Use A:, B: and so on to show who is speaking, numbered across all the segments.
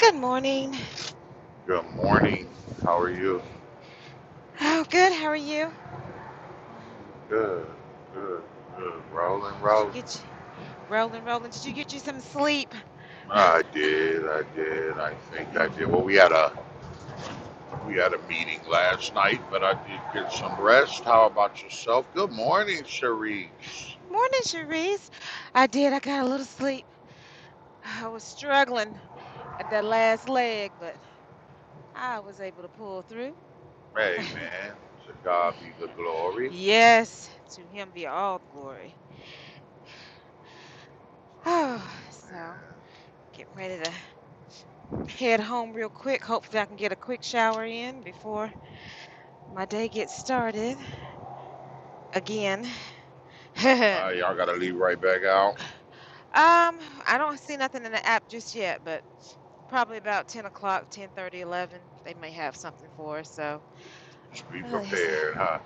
A: Good morning.
B: Good morning. How are you?
A: Oh, good. How are you?
B: Good, good, good. Rolling,
A: Did you
B: roll.
A: get you rolling, rolling? Did you get you some sleep?
B: I did, I did. I think I
A: morning,
B: did. Well, we had a we had a meeting last night, but I did get some rest. How about yourself? Good morning, Cherise.
A: Cherise. I did. I got a little sleep. I was struggling at that last leg, but I was able to pull through.
B: Hey, man. To God be the glory.
A: yes, to him be all the glory. Oh, so getting ready to head home real quick. Hopefully, I can get a quick shower in before my day gets started again.
B: Uh, y'all gotta leave right back out.
A: Um, I don't see nothing in the app just yet, but probably about 10 o'clock, ten thirty, eleven. they may have something for us. So,
B: Just be
A: oh, yes.
B: prepared, huh?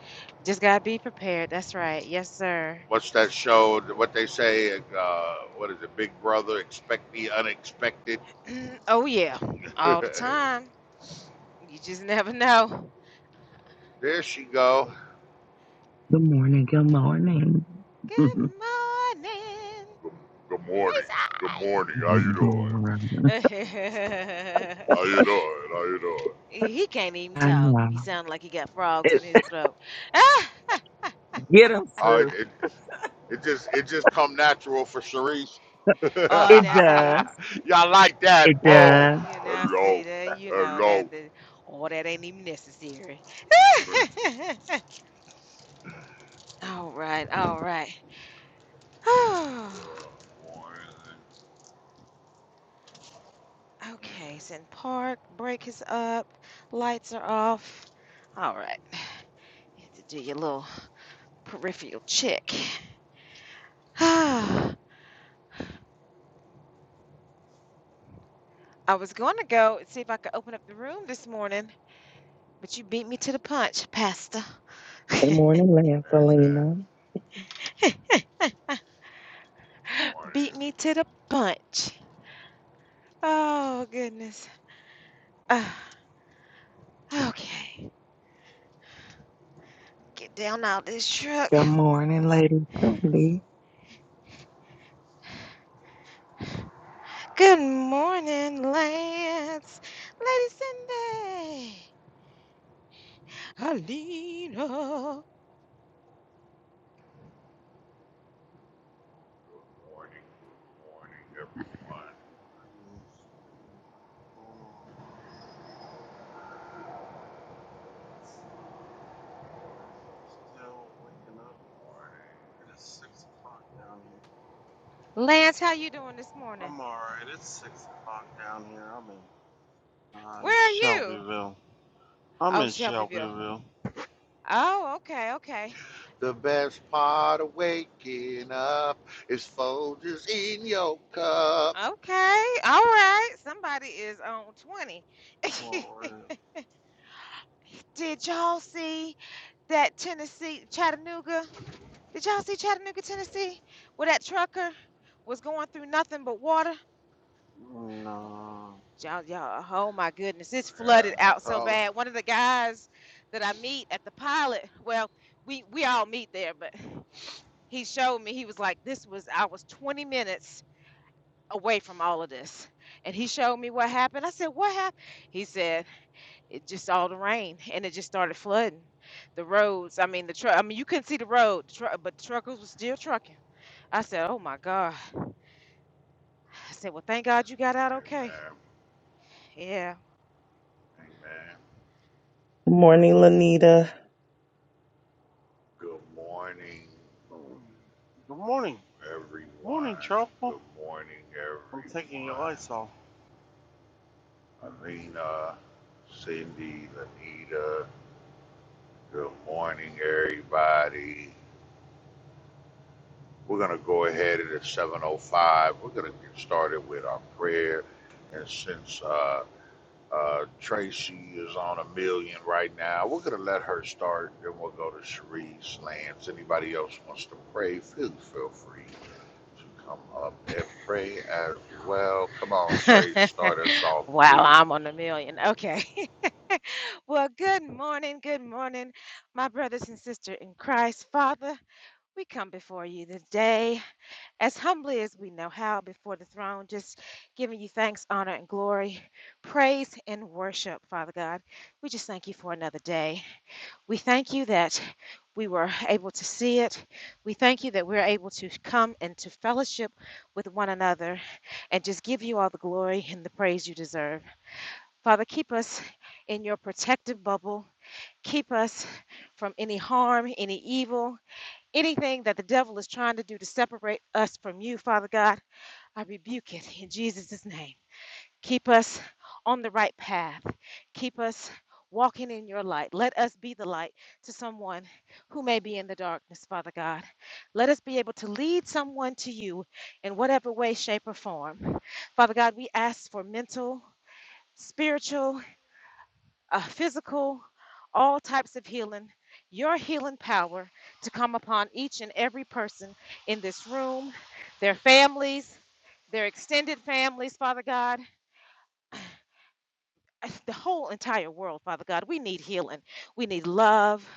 A: Just gotta be prepared. That's right. Yes, sir.
B: What's that show? What they say? Uh, what is it? Big Brother, expect the unexpected.
A: oh, yeah. All the
B: there
A: time. You just never know.
B: she go.
C: Good morning. Good morning.
A: Good
C: Lord.
A: morning,
B: Good, good morning. Good morning. How you doing?
A: Reese.
B: How you doing? How you doing?
A: he can't even
C: I
A: talk.
C: know.
A: He sound like he got frogs
C: It,
A: in his throat.
C: get him,
B: Uh,
C: sis.
B: it, it it just it just come natural for Sharice.
A: oh,
C: It
A: now
C: does.
A: see.
B: Y'all like
C: It
B: that? Boom.
C: does.
A: You now
B: Hello.
A: see that, you know,
B: Hello.
A: that, that all that ain't even necessary.
B: Good
A: All right, all right.
B: morning.
A: Okay, it's in park, break is up, lights are off. All right, you have to do your little peripheral check. I was going to go and see if I could open up the room this morning, but you beat me to the punch, Pastor.
C: Good morning,
B: Amen.
C: Lancelina.
B: Morning.
A: Beat me to the punch. Oh, goodness. Ah, okay. Get down out this truck.
C: Good morning, Lady Cindy.
A: Good morning, Lance. Lady Cindy. Alina.
B: Morning. Good morning, everyone.
D: Ingredients been going on in months. And still waking up. It is six o'clock down here.
A: Lance, how you doing this morning?
D: I'm alright. It's six o'clock down here. I'm in uh,
A: Where are you?
D: Shelbyville. I'm
A: Oh,
D: in
A: Shelbyville.
D: Shelbyville.
A: Oh, okay, okay.
B: The best part of waking up is Folgers in your cup.
A: Okay, all right. Somebody is on 20.
D: Oh,
A: Did y'all see that Tennessee, Chattanooga? Did y'all see Chattanooga, Tennessee? Where that trucker was going through nothing but water?
D: no.
A: Y'all, y'all, oh my goodness, it's
B: Yeah,
A: flooded out
B: that's
A: so
B: all.
A: bad. One of the guys that I meet at the pilot, well, we we all meet there, but he showed me he was like, this was I was 20 minutes away from all of this, and he showed me what happened. I said, what happened? He said, it just all the rain and it just started flooding the roads. I mean, the truck. I mean, you couldn't see the road, the truck, but the truckers were still trucking. I said, oh my God. I said, well, thank God you got out okay.
B: Amen.
A: Yeah.
B: Amen.
C: Good morning, Lanita.
B: Good morning,
D: Good morning.
B: everyone.
D: Morning, Truffle.
B: Good morning,
D: I'm taking your
B: everyone.
D: lights off.
B: Alina, Cindy, Lanita. Good morning, everybody. We're gonna go ahead at 7:05. We're gonna get started with our prayer, and since uh, Uh, Tracy is on a million right now. We're gonna let her start, then we'll go to Cherise, Lance. Anybody else wants to pray, please feel free to come up and pray as well. Come on, Trace, start us off,
A: wow,
B: please.
A: I'm on a million. Okay. well, good morning. Good morning, my brothers and sisters in Christ. Father, we come before you today as humbly as we know how before the throne, just giving you thanks, honor, and glory, praise, and worship, Father God. We just thank you for another day. We thank you that we were able to see it. We thank you that we're able to come and to fellowship with one another and just give you all the glory and the praise you deserve. Father, keep us in your protective bubble. Keep us from any harm, any evil, anything that the devil is trying to do to separate us from you, Father God. I rebuke it in Jesus' name. Keep us on the right path. Keep us walking in your light. Let us be the light to someone who may be in the darkness, Father God. Let us be able to lead someone to you in whatever way, shape, or form. Father God, we ask for mental, spiritual, uh, physical, all types of healing, your healing power to come upon each and every person in this room, their families, their extended families, Father God. the whole entire world, Father God. We need healing. We need love.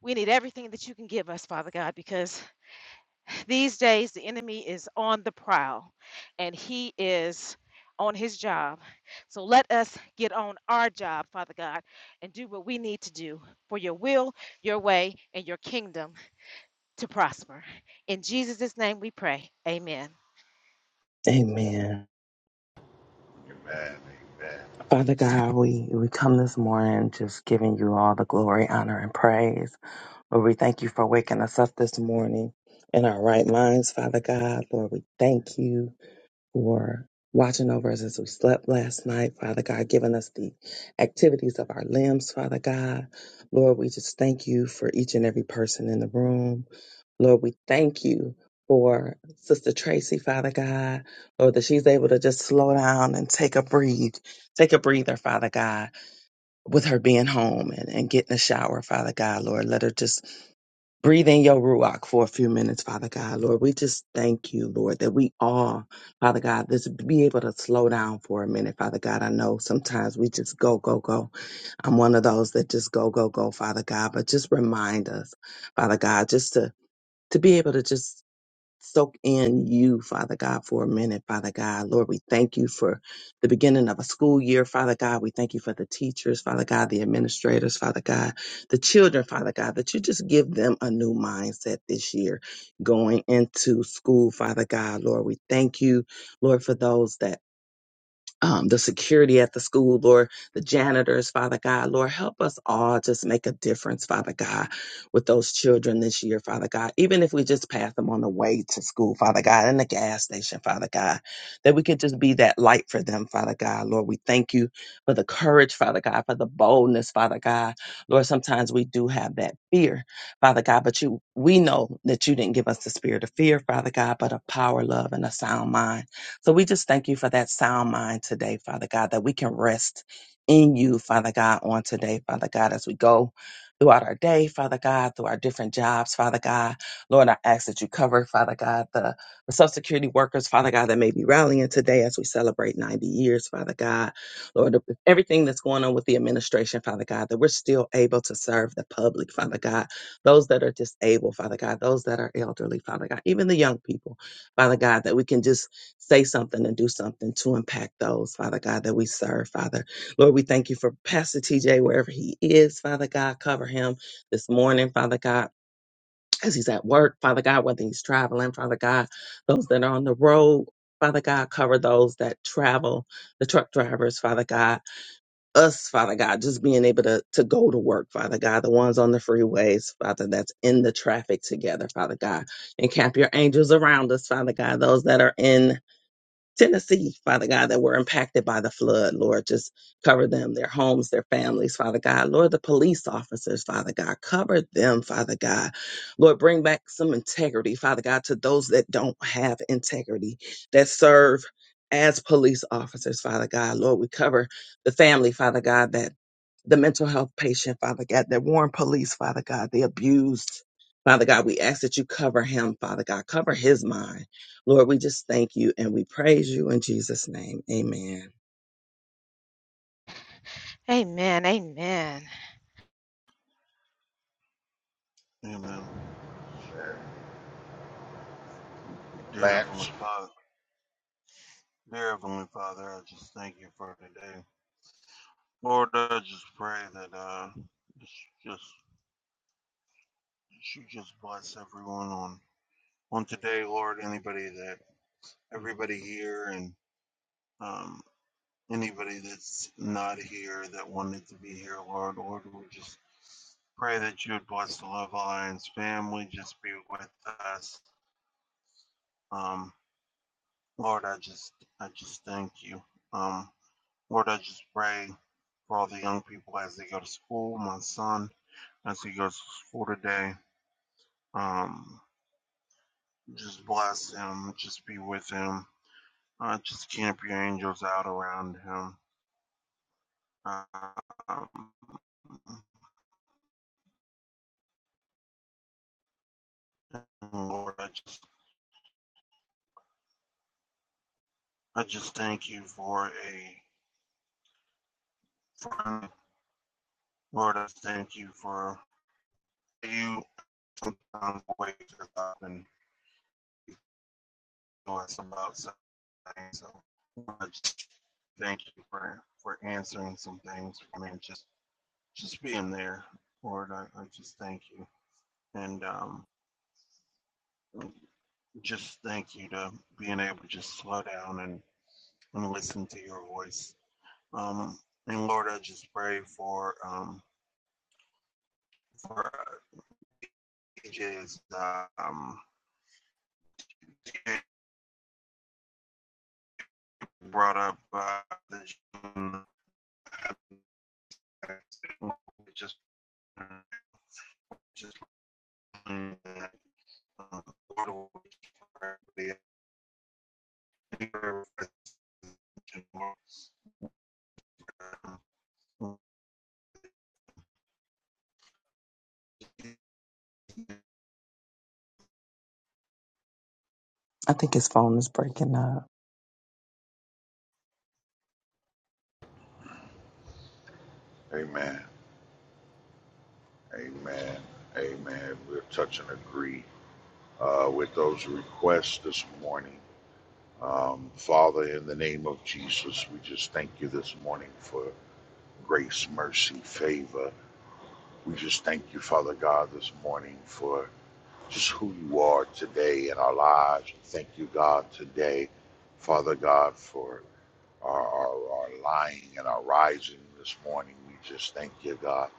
A: We need everything that you can give us, Father God, because these days the enemy is on the prowl and he is on his job. So let us get on our job, Father God, and do what we need to do for your will, your way, and your kingdom to prosper. In Jesus' name we pray. Amen.
C: Amen.
B: Amen. Amen.
C: Father God, we, we come this morning just giving you all the glory, honor, and praise. Lord, we thank you for waking us up this morning in our right minds, Father God. Lord, we thank you. for watching over us as we slept last night, Father God, giving us the activities of our limbs, Father God. Lord, we just thank you for each and every person in the room. Lord, we thank you for Sister Tracy, Father God, Lord, that she's able to just slow down and take a breathe, take a breather, Father God, with her being home and, and getting a shower, Father God, Lord. Let her just Breathe in your ruach for a few minutes, Father God. Lord, we just thank you, Lord, that we all, Father God, just be able to slow down for a minute, Father God. I know sometimes we just go, go, go. I'm one of those that just go, go, go, Father God. But just remind us, Father God, just to to be able to just soak in you, Father God, for a minute, Father God. Lord, we thank you for the beginning of a school year, Father God. We thank you for the teachers, Father God, the administrators, Father God, the children, Father God, that you just give them a new mindset this year going into school, Father God. Lord, we thank you, Lord, for those that um, the security at the school, Lord, the janitors, Father God. Lord, help us all just make a difference, Father God, with those children this year, Father God. Even if we just pass them on the way to school, Father God, in the gas station, Father God, that we could just be that light for them, Father God. Lord, we thank you for the courage, Father God, for the boldness, Father God. Lord, sometimes we do have that fear, Father God, but you, we know that you didn't give us the spirit of fear, Father God, but a power, love, and a sound mind. So we just thank you for that sound mind today, Father God, that we can rest in you, Father God, on today, Father God, as we go throughout our day, Father God, through our different jobs, Father God. Lord, I ask that you cover, Father God, the, the Social Security workers, Father God, that may be rallying today as we celebrate 90 years, Father God. Lord, if everything that's going on with the administration, Father God, that we're still able to serve the public, Father God, those that are disabled, Father God, those that are elderly, Father God, even the young people, Father God, that we can just say something and do something to impact those, Father God, that we serve, Father. Lord, we thank you for Pastor TJ, wherever he is, Father God. Cover him this morning, Father God, as he's at work, Father God, whether he's traveling, Father God, those that are on the road. Father God, cover those that travel, the truck drivers, Father God, us, Father God, just being able to, to go to work, Father God, the ones on the freeways, Father, that's in the traffic together, Father God. Encamp your angels around us, Father God, those that are in Tennessee, Father God, that were impacted by the flood, Lord. Just cover them, their homes, their families, Father God. Lord, the police officers, Father God, cover them, Father God. Lord, bring back some integrity, Father God, to those that don't have integrity, that serve as police officers, Father God. Lord, we cover the family, Father God, that the mental health patient, Father God, that warned police, Father God, the abused. Father God, we ask that you cover him, Father God, cover his mind. Lord, we just thank you and we praise you in Jesus' name. Amen.
A: Amen. Amen.
D: Amen. Dear Heavenly
B: Lance.
D: Father, dear Heavenly Father, I just thank you for today. Lord, I just pray that uh, just, just you just bless everyone on on today, Lord. Anybody that everybody here and um, anybody that's not here that wanted to be here, Lord, Lord, we just pray that you would bless the Love Alliance family. Just be with us, um, Lord. I just I just thank you, um, Lord. I just pray for all the young people as they go to school. My son as he goes to school today. Um, just bless him, just be with him, uh, just camp your angels out around him. Um, Lord, I just, I just thank you for a friend. Lord, I thank you for you um, wake us up and know us about something. So I just thank you for for answering some things for me. Just, just being there, Lord. I, I just thank you and um. just thank you to being able to just slow down and, and listen to your voice. Um, and Lord, I just pray for um, for AJ's uh, um, brought up uh, the just just um, Lord,
C: I think his phone is breaking up.
B: Amen. Amen. Amen. We'll touch and agree uh, with those requests this morning. Um, Father, in the name of Jesus, we just thank you this morning for grace, mercy, favor. We just thank you, Father God, this morning for just who you are today in our lives. Thank you, God, today, Father God, for our, our, our lying and our rising this morning. We just thank you, God.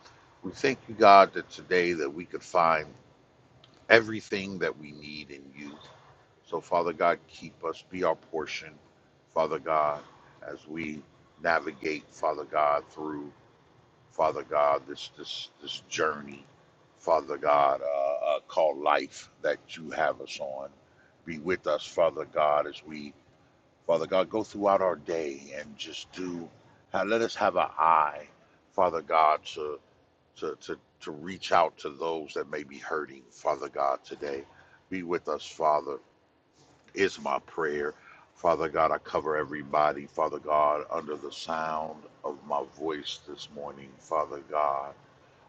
B: We thank you, God, that today that we could find everything that we need in you. So, Father God, keep us, be our portion, Father God, as we navigate, Father God, through. Father God, this this this journey, Father God, uh, uh, called life that you have us on. Be with us, Father God, as we, Father God, go throughout our day and just do. ha- Let us have an eye, Father God, to to to to reach out to those that may be hurting, Father God, today. Be with us, Father. Is my prayer. Father God, I cover everybody, Father God, under the sound of my voice this morning, Father God.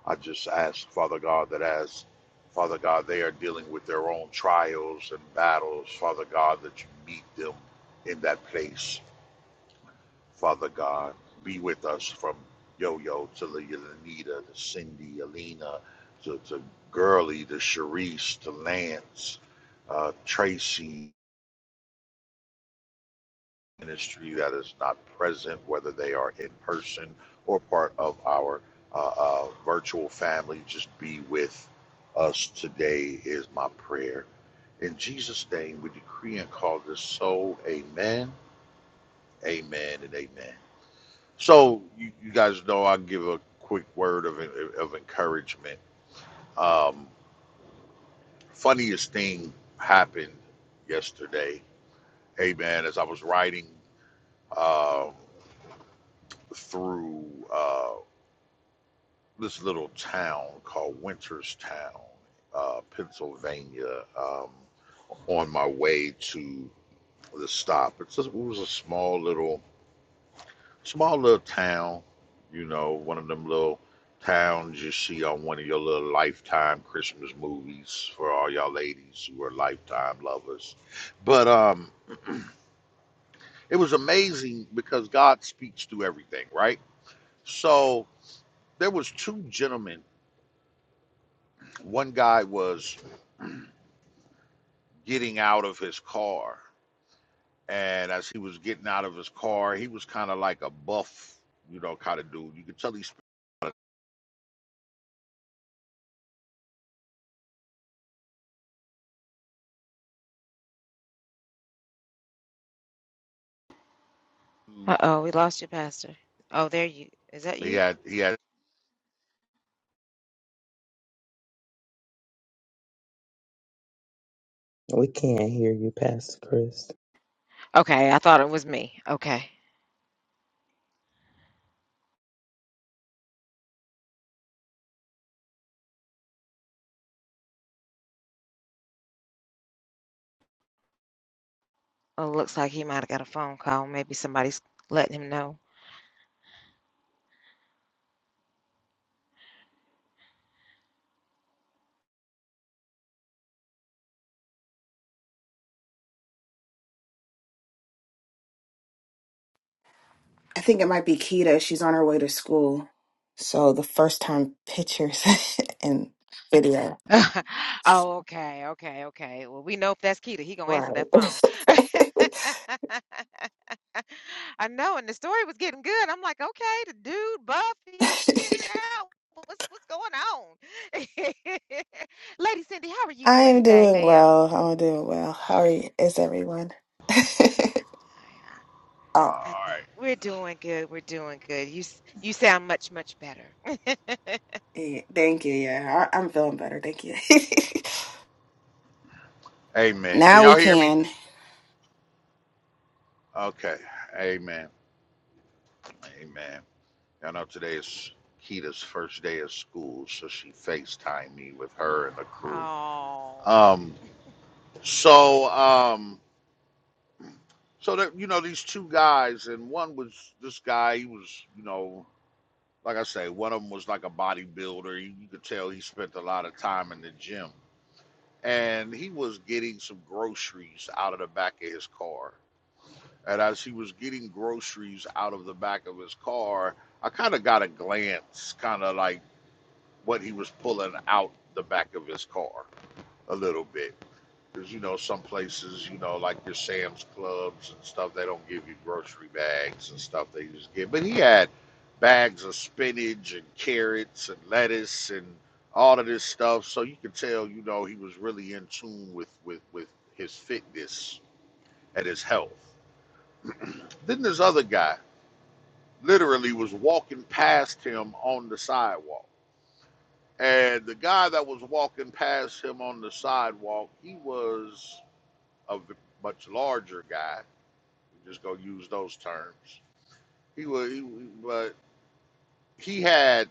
B: I just ask, Father God, that as Father God, they are dealing with their own trials and battles, Father God, that you meet them in that place. Father God, be with us from Yo Yo to La- Lanita to Cindy, Alina to, to Gurley to Sharice to Lance, uh, Tracy, ministry that is not present, whether they are in person or part of our uh, uh, virtual family, just be with us today, is my prayer. In Jesus' name, we decree and call this so. Amen, amen, and amen. So, you, you guys know I give a quick word of, of encouragement. Um, funniest thing happened yesterday. Amen. As I was writing um, through. uh, this little town called Winterstown, uh, Pennsylvania, um, on my way to the stop. It's just, it was a small little, small little town, you know, one of them little towns you see on one of your little Lifetime Christmas movies for all y'all ladies who are Lifetime lovers. But um, it was amazing because God speaks through everything, right? So there was two gentlemen. One guy was getting out of his car. And as he was getting out of his car, he was kind of like a buff, you know, kind of dude. You could tell he's
A: Uh oh, we lost you, Pastor. Oh, there you is that
B: he
A: you?
B: had he had.
C: We can't hear you, Pastor Chris.
A: Okay, I thought it was me. Okay. oh, looks like he might have got a phone call. Maybe somebody's letting him know.
E: I think it might be Kita. She's on her way to school. So the first time pictures and video.
A: Oh, okay, okay, okay. Well, we know if that's Keita, he gonna answer
E: Right.
A: that phone. I know, and the story was getting good. I'm like, okay, the dude buff, he getting out. What's what's going on? Lady Cindy, how are you
E: I
A: doing
E: am
A: today,
E: doing
A: ma'am?
E: well. I'm doing well. How are you? Is everyone?
B: All
E: oh,
A: I- I- I-
B: right,
A: We're doing good. We're doing good. You s- you sound much, much better.
E: yeah, thank you. Yeah, I, I'm feeling better. Thank you.
B: amen. Can
E: now
B: y'all
E: we
B: hear me?
E: can.
B: Okay, amen, amen. I know today is Kita's first day of school, so she FaceTimed me with her and the crew.
A: Oh,
B: Um, so um, so that you know these two guys, and one was this guy. He was you know Like I say, one of them was like a bodybuilder. You, you could tell he spent a lot of time in the gym. And he was getting some groceries out of the back of his car. And as he was getting groceries out of the back of his car, I kind of got a glance, kind of like what he was pulling out the back of his car a little bit. Because, you know, some places, you know, like your Sam's Clubs and stuff, they don't give you grocery bags and stuff. They just give. But he had bags of spinach and carrots and lettuce and all of this stuff. So you could tell, you know, he was really in tune with, with, with his fitness and his health. Then this other guy literally was walking past him on the sidewalk. And the guy that was walking past him on the sidewalk, he was a v- much larger guy. We're just gonna use those terms. He was, he, but he had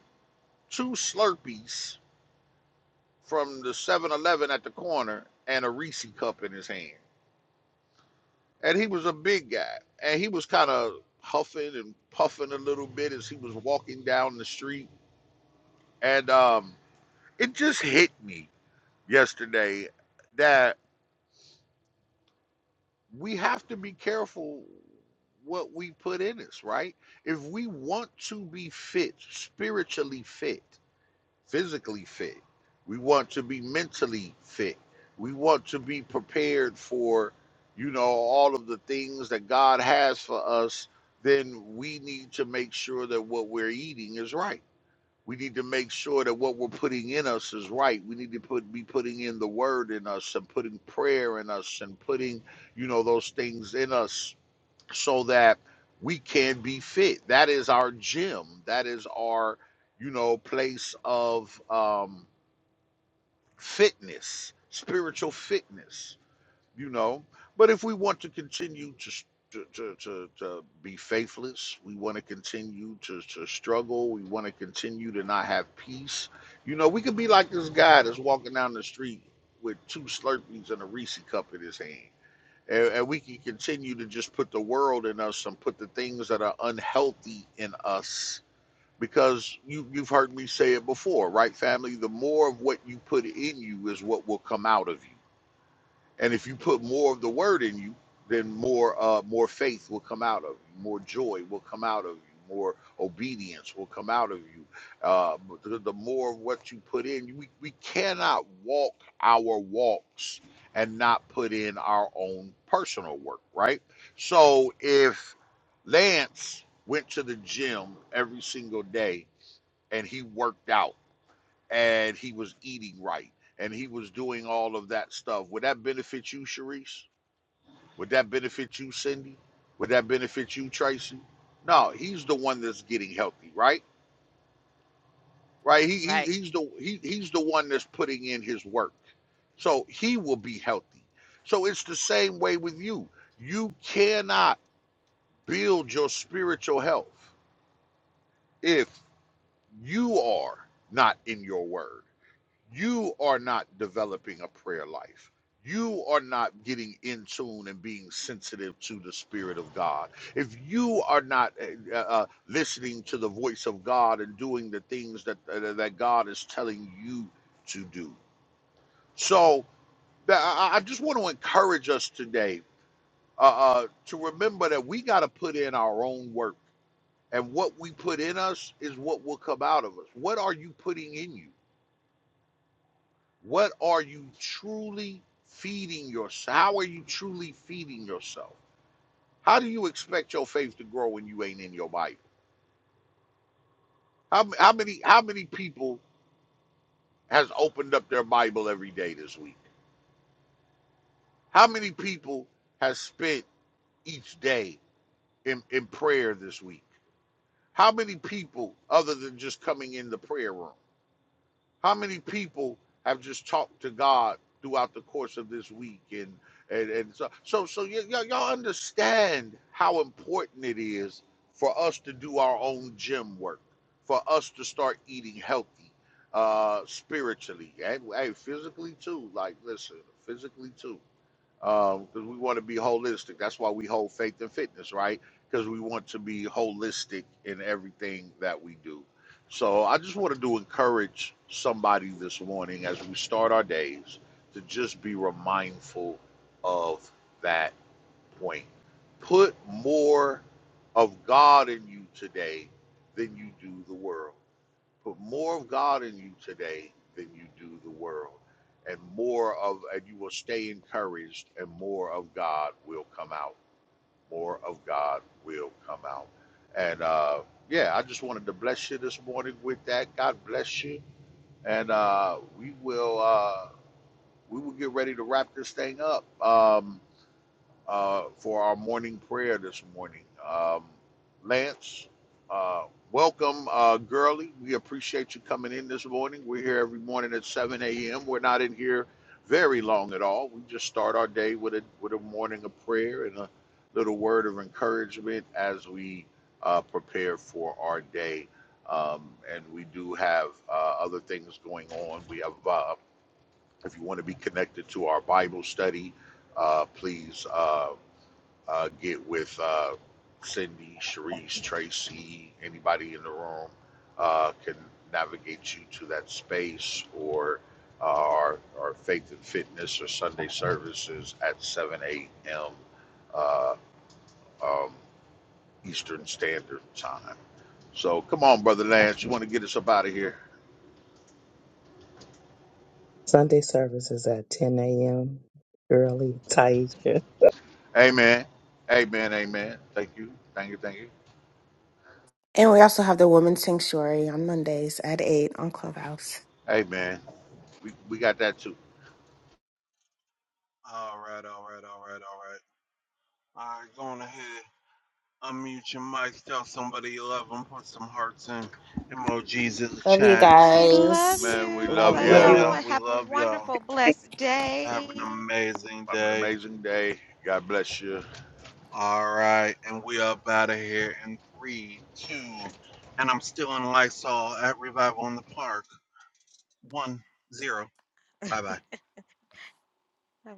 B: two Slurpees from the Seven Eleven at the corner and a Reese cup in his hand. And he was a big guy, and he was kind of huffing and puffing a little bit as he was walking down the street. And um, it just hit me yesterday that we have to be careful what we put in us, right? If we want to be fit, spiritually fit, physically fit, we want to be mentally fit, we want to be prepared for, you know, all of the things that God has for us, then we need to make sure that what we're eating is right we need to make sure that what we're putting in us is right. We need to put be putting in the word in us and putting prayer in us and putting, you know, those things in us so that we can be fit. That is our gym. That is our, you know, place of um fitness, spiritual fitness you know. But if we want to continue to s- to, to, to, to be faithless, we want to continue to, to struggle, we want to continue to not have peace. You know, we could be like this guy that's walking down the street with two Slurpees and a Reese cup in his hand. And, and we can continue to just put the world in us and put the things that are unhealthy in us. Because you, you've heard me say it before, right, family? The more of what you put in you is what will come out of you and if you put more of the word in you, then more uh, more faith will come out of you, more joy will come out of you, more obedience will come out of you. Uh, the, the more of what you put in, we, we cannot walk our walks and not put in our own personal work, right? So if Lance went to the gym every single day and he worked out and he was eating right and he was doing all of that stuff. Would that benefit you, Sharice? Would that benefit you, Cindy? Would that benefit you, Tracy? No, he's the one that's getting healthy, right? Right? He, he
A: right.
B: he's the he, he's the one that's putting in his work. So he will be healthy. So it's the same way with you. You cannot build your spiritual health if you are not in your word. you are not developing a prayer life. You are not getting in tune and being sensitive to the Spirit of God. If you are not uh, uh, listening to the voice of God and doing the things that uh, that God is telling you to do, so I, I just want to encourage us today uh, uh, to remember that we got to put in our own work, and what we put in us is what will come out of us. What are you putting in you? What are you truly feeding yourself? How are you truly feeding yourself? How do you expect your faith to grow when you ain't in your Bible? How, how many how many people has opened up their Bible every day this week? How many people has spent each day in, in prayer this week? How many people other than just coming in the prayer room? How many people have just talked to God throughout the course of this week? And and, and so so so y- y- y'all understand how important it is for us to do our own gym work, for us to start eating healthy, uh, spiritually and hey, physically too. Like listen, physically too because we want to be holistic. That's why we hold faith and fitness, right? Because we want to be holistic in everything that we do. So I just wanted to encourage somebody this morning as we start our days to just be mindful of that point. Put more of God in you today than you do the world. Put more of God in you today than you do the world. And more of, and you will stay encouraged, and more of God will come out. More of God will come out. And uh, yeah, I just wanted to bless you this morning with that. God bless you. And uh, we will uh, we will get ready to wrap this thing up. Um, uh, for our morning prayer this morning. Um, Lance, uh, welcome, uh, Gurley. We appreciate you coming in this morning. We're here every morning at 7 a.m. We're not in here very long at all. We just start our day with a with a morning of prayer and a little word of encouragement as we uh, prepare for our day. Um, and we do have uh, other things going on. We have, uh, if you want to be connected to our Bible study, uh, please. Uh, uh, get with uh, Cindy, Sharice, Tracy, anybody in the room uh, can navigate you to that space or uh, our, our Faith and Fitness or Sunday services at 7 a.m. Uh, um, Eastern Standard Time. So come on, Brother Lance, you want to get us up out of here?
C: Sunday service is at 10 a.m. early. Taisha.
B: Amen. Amen. Amen. Thank you. Thank you. Thank you.
E: And we also have the Women's Sanctuary on Mondays at 8 on Clubhouse.
B: Amen. We, we got that too.
D: all right, all right, all right, all right. All right, going ahead. Unmute your mics. Tell somebody you love them. Put some hearts and emojis in the
E: Love you
D: chats.
A: We love
E: guys.
B: Man, we
A: you.
E: Love
D: We
B: love
A: Love
D: love
B: you.
A: y'all.
E: you.
D: y'all. We
A: Have a
D: love y'all.
A: wonderful, blessed
D: Have an
A: day.
D: amazing
B: Have an
D: day.
B: amazing day. God bless you.
D: All right. And we up out of here in three, two, and I'm still in Lysol at Revival in the Park. One, zero. Bye bye.
A: Have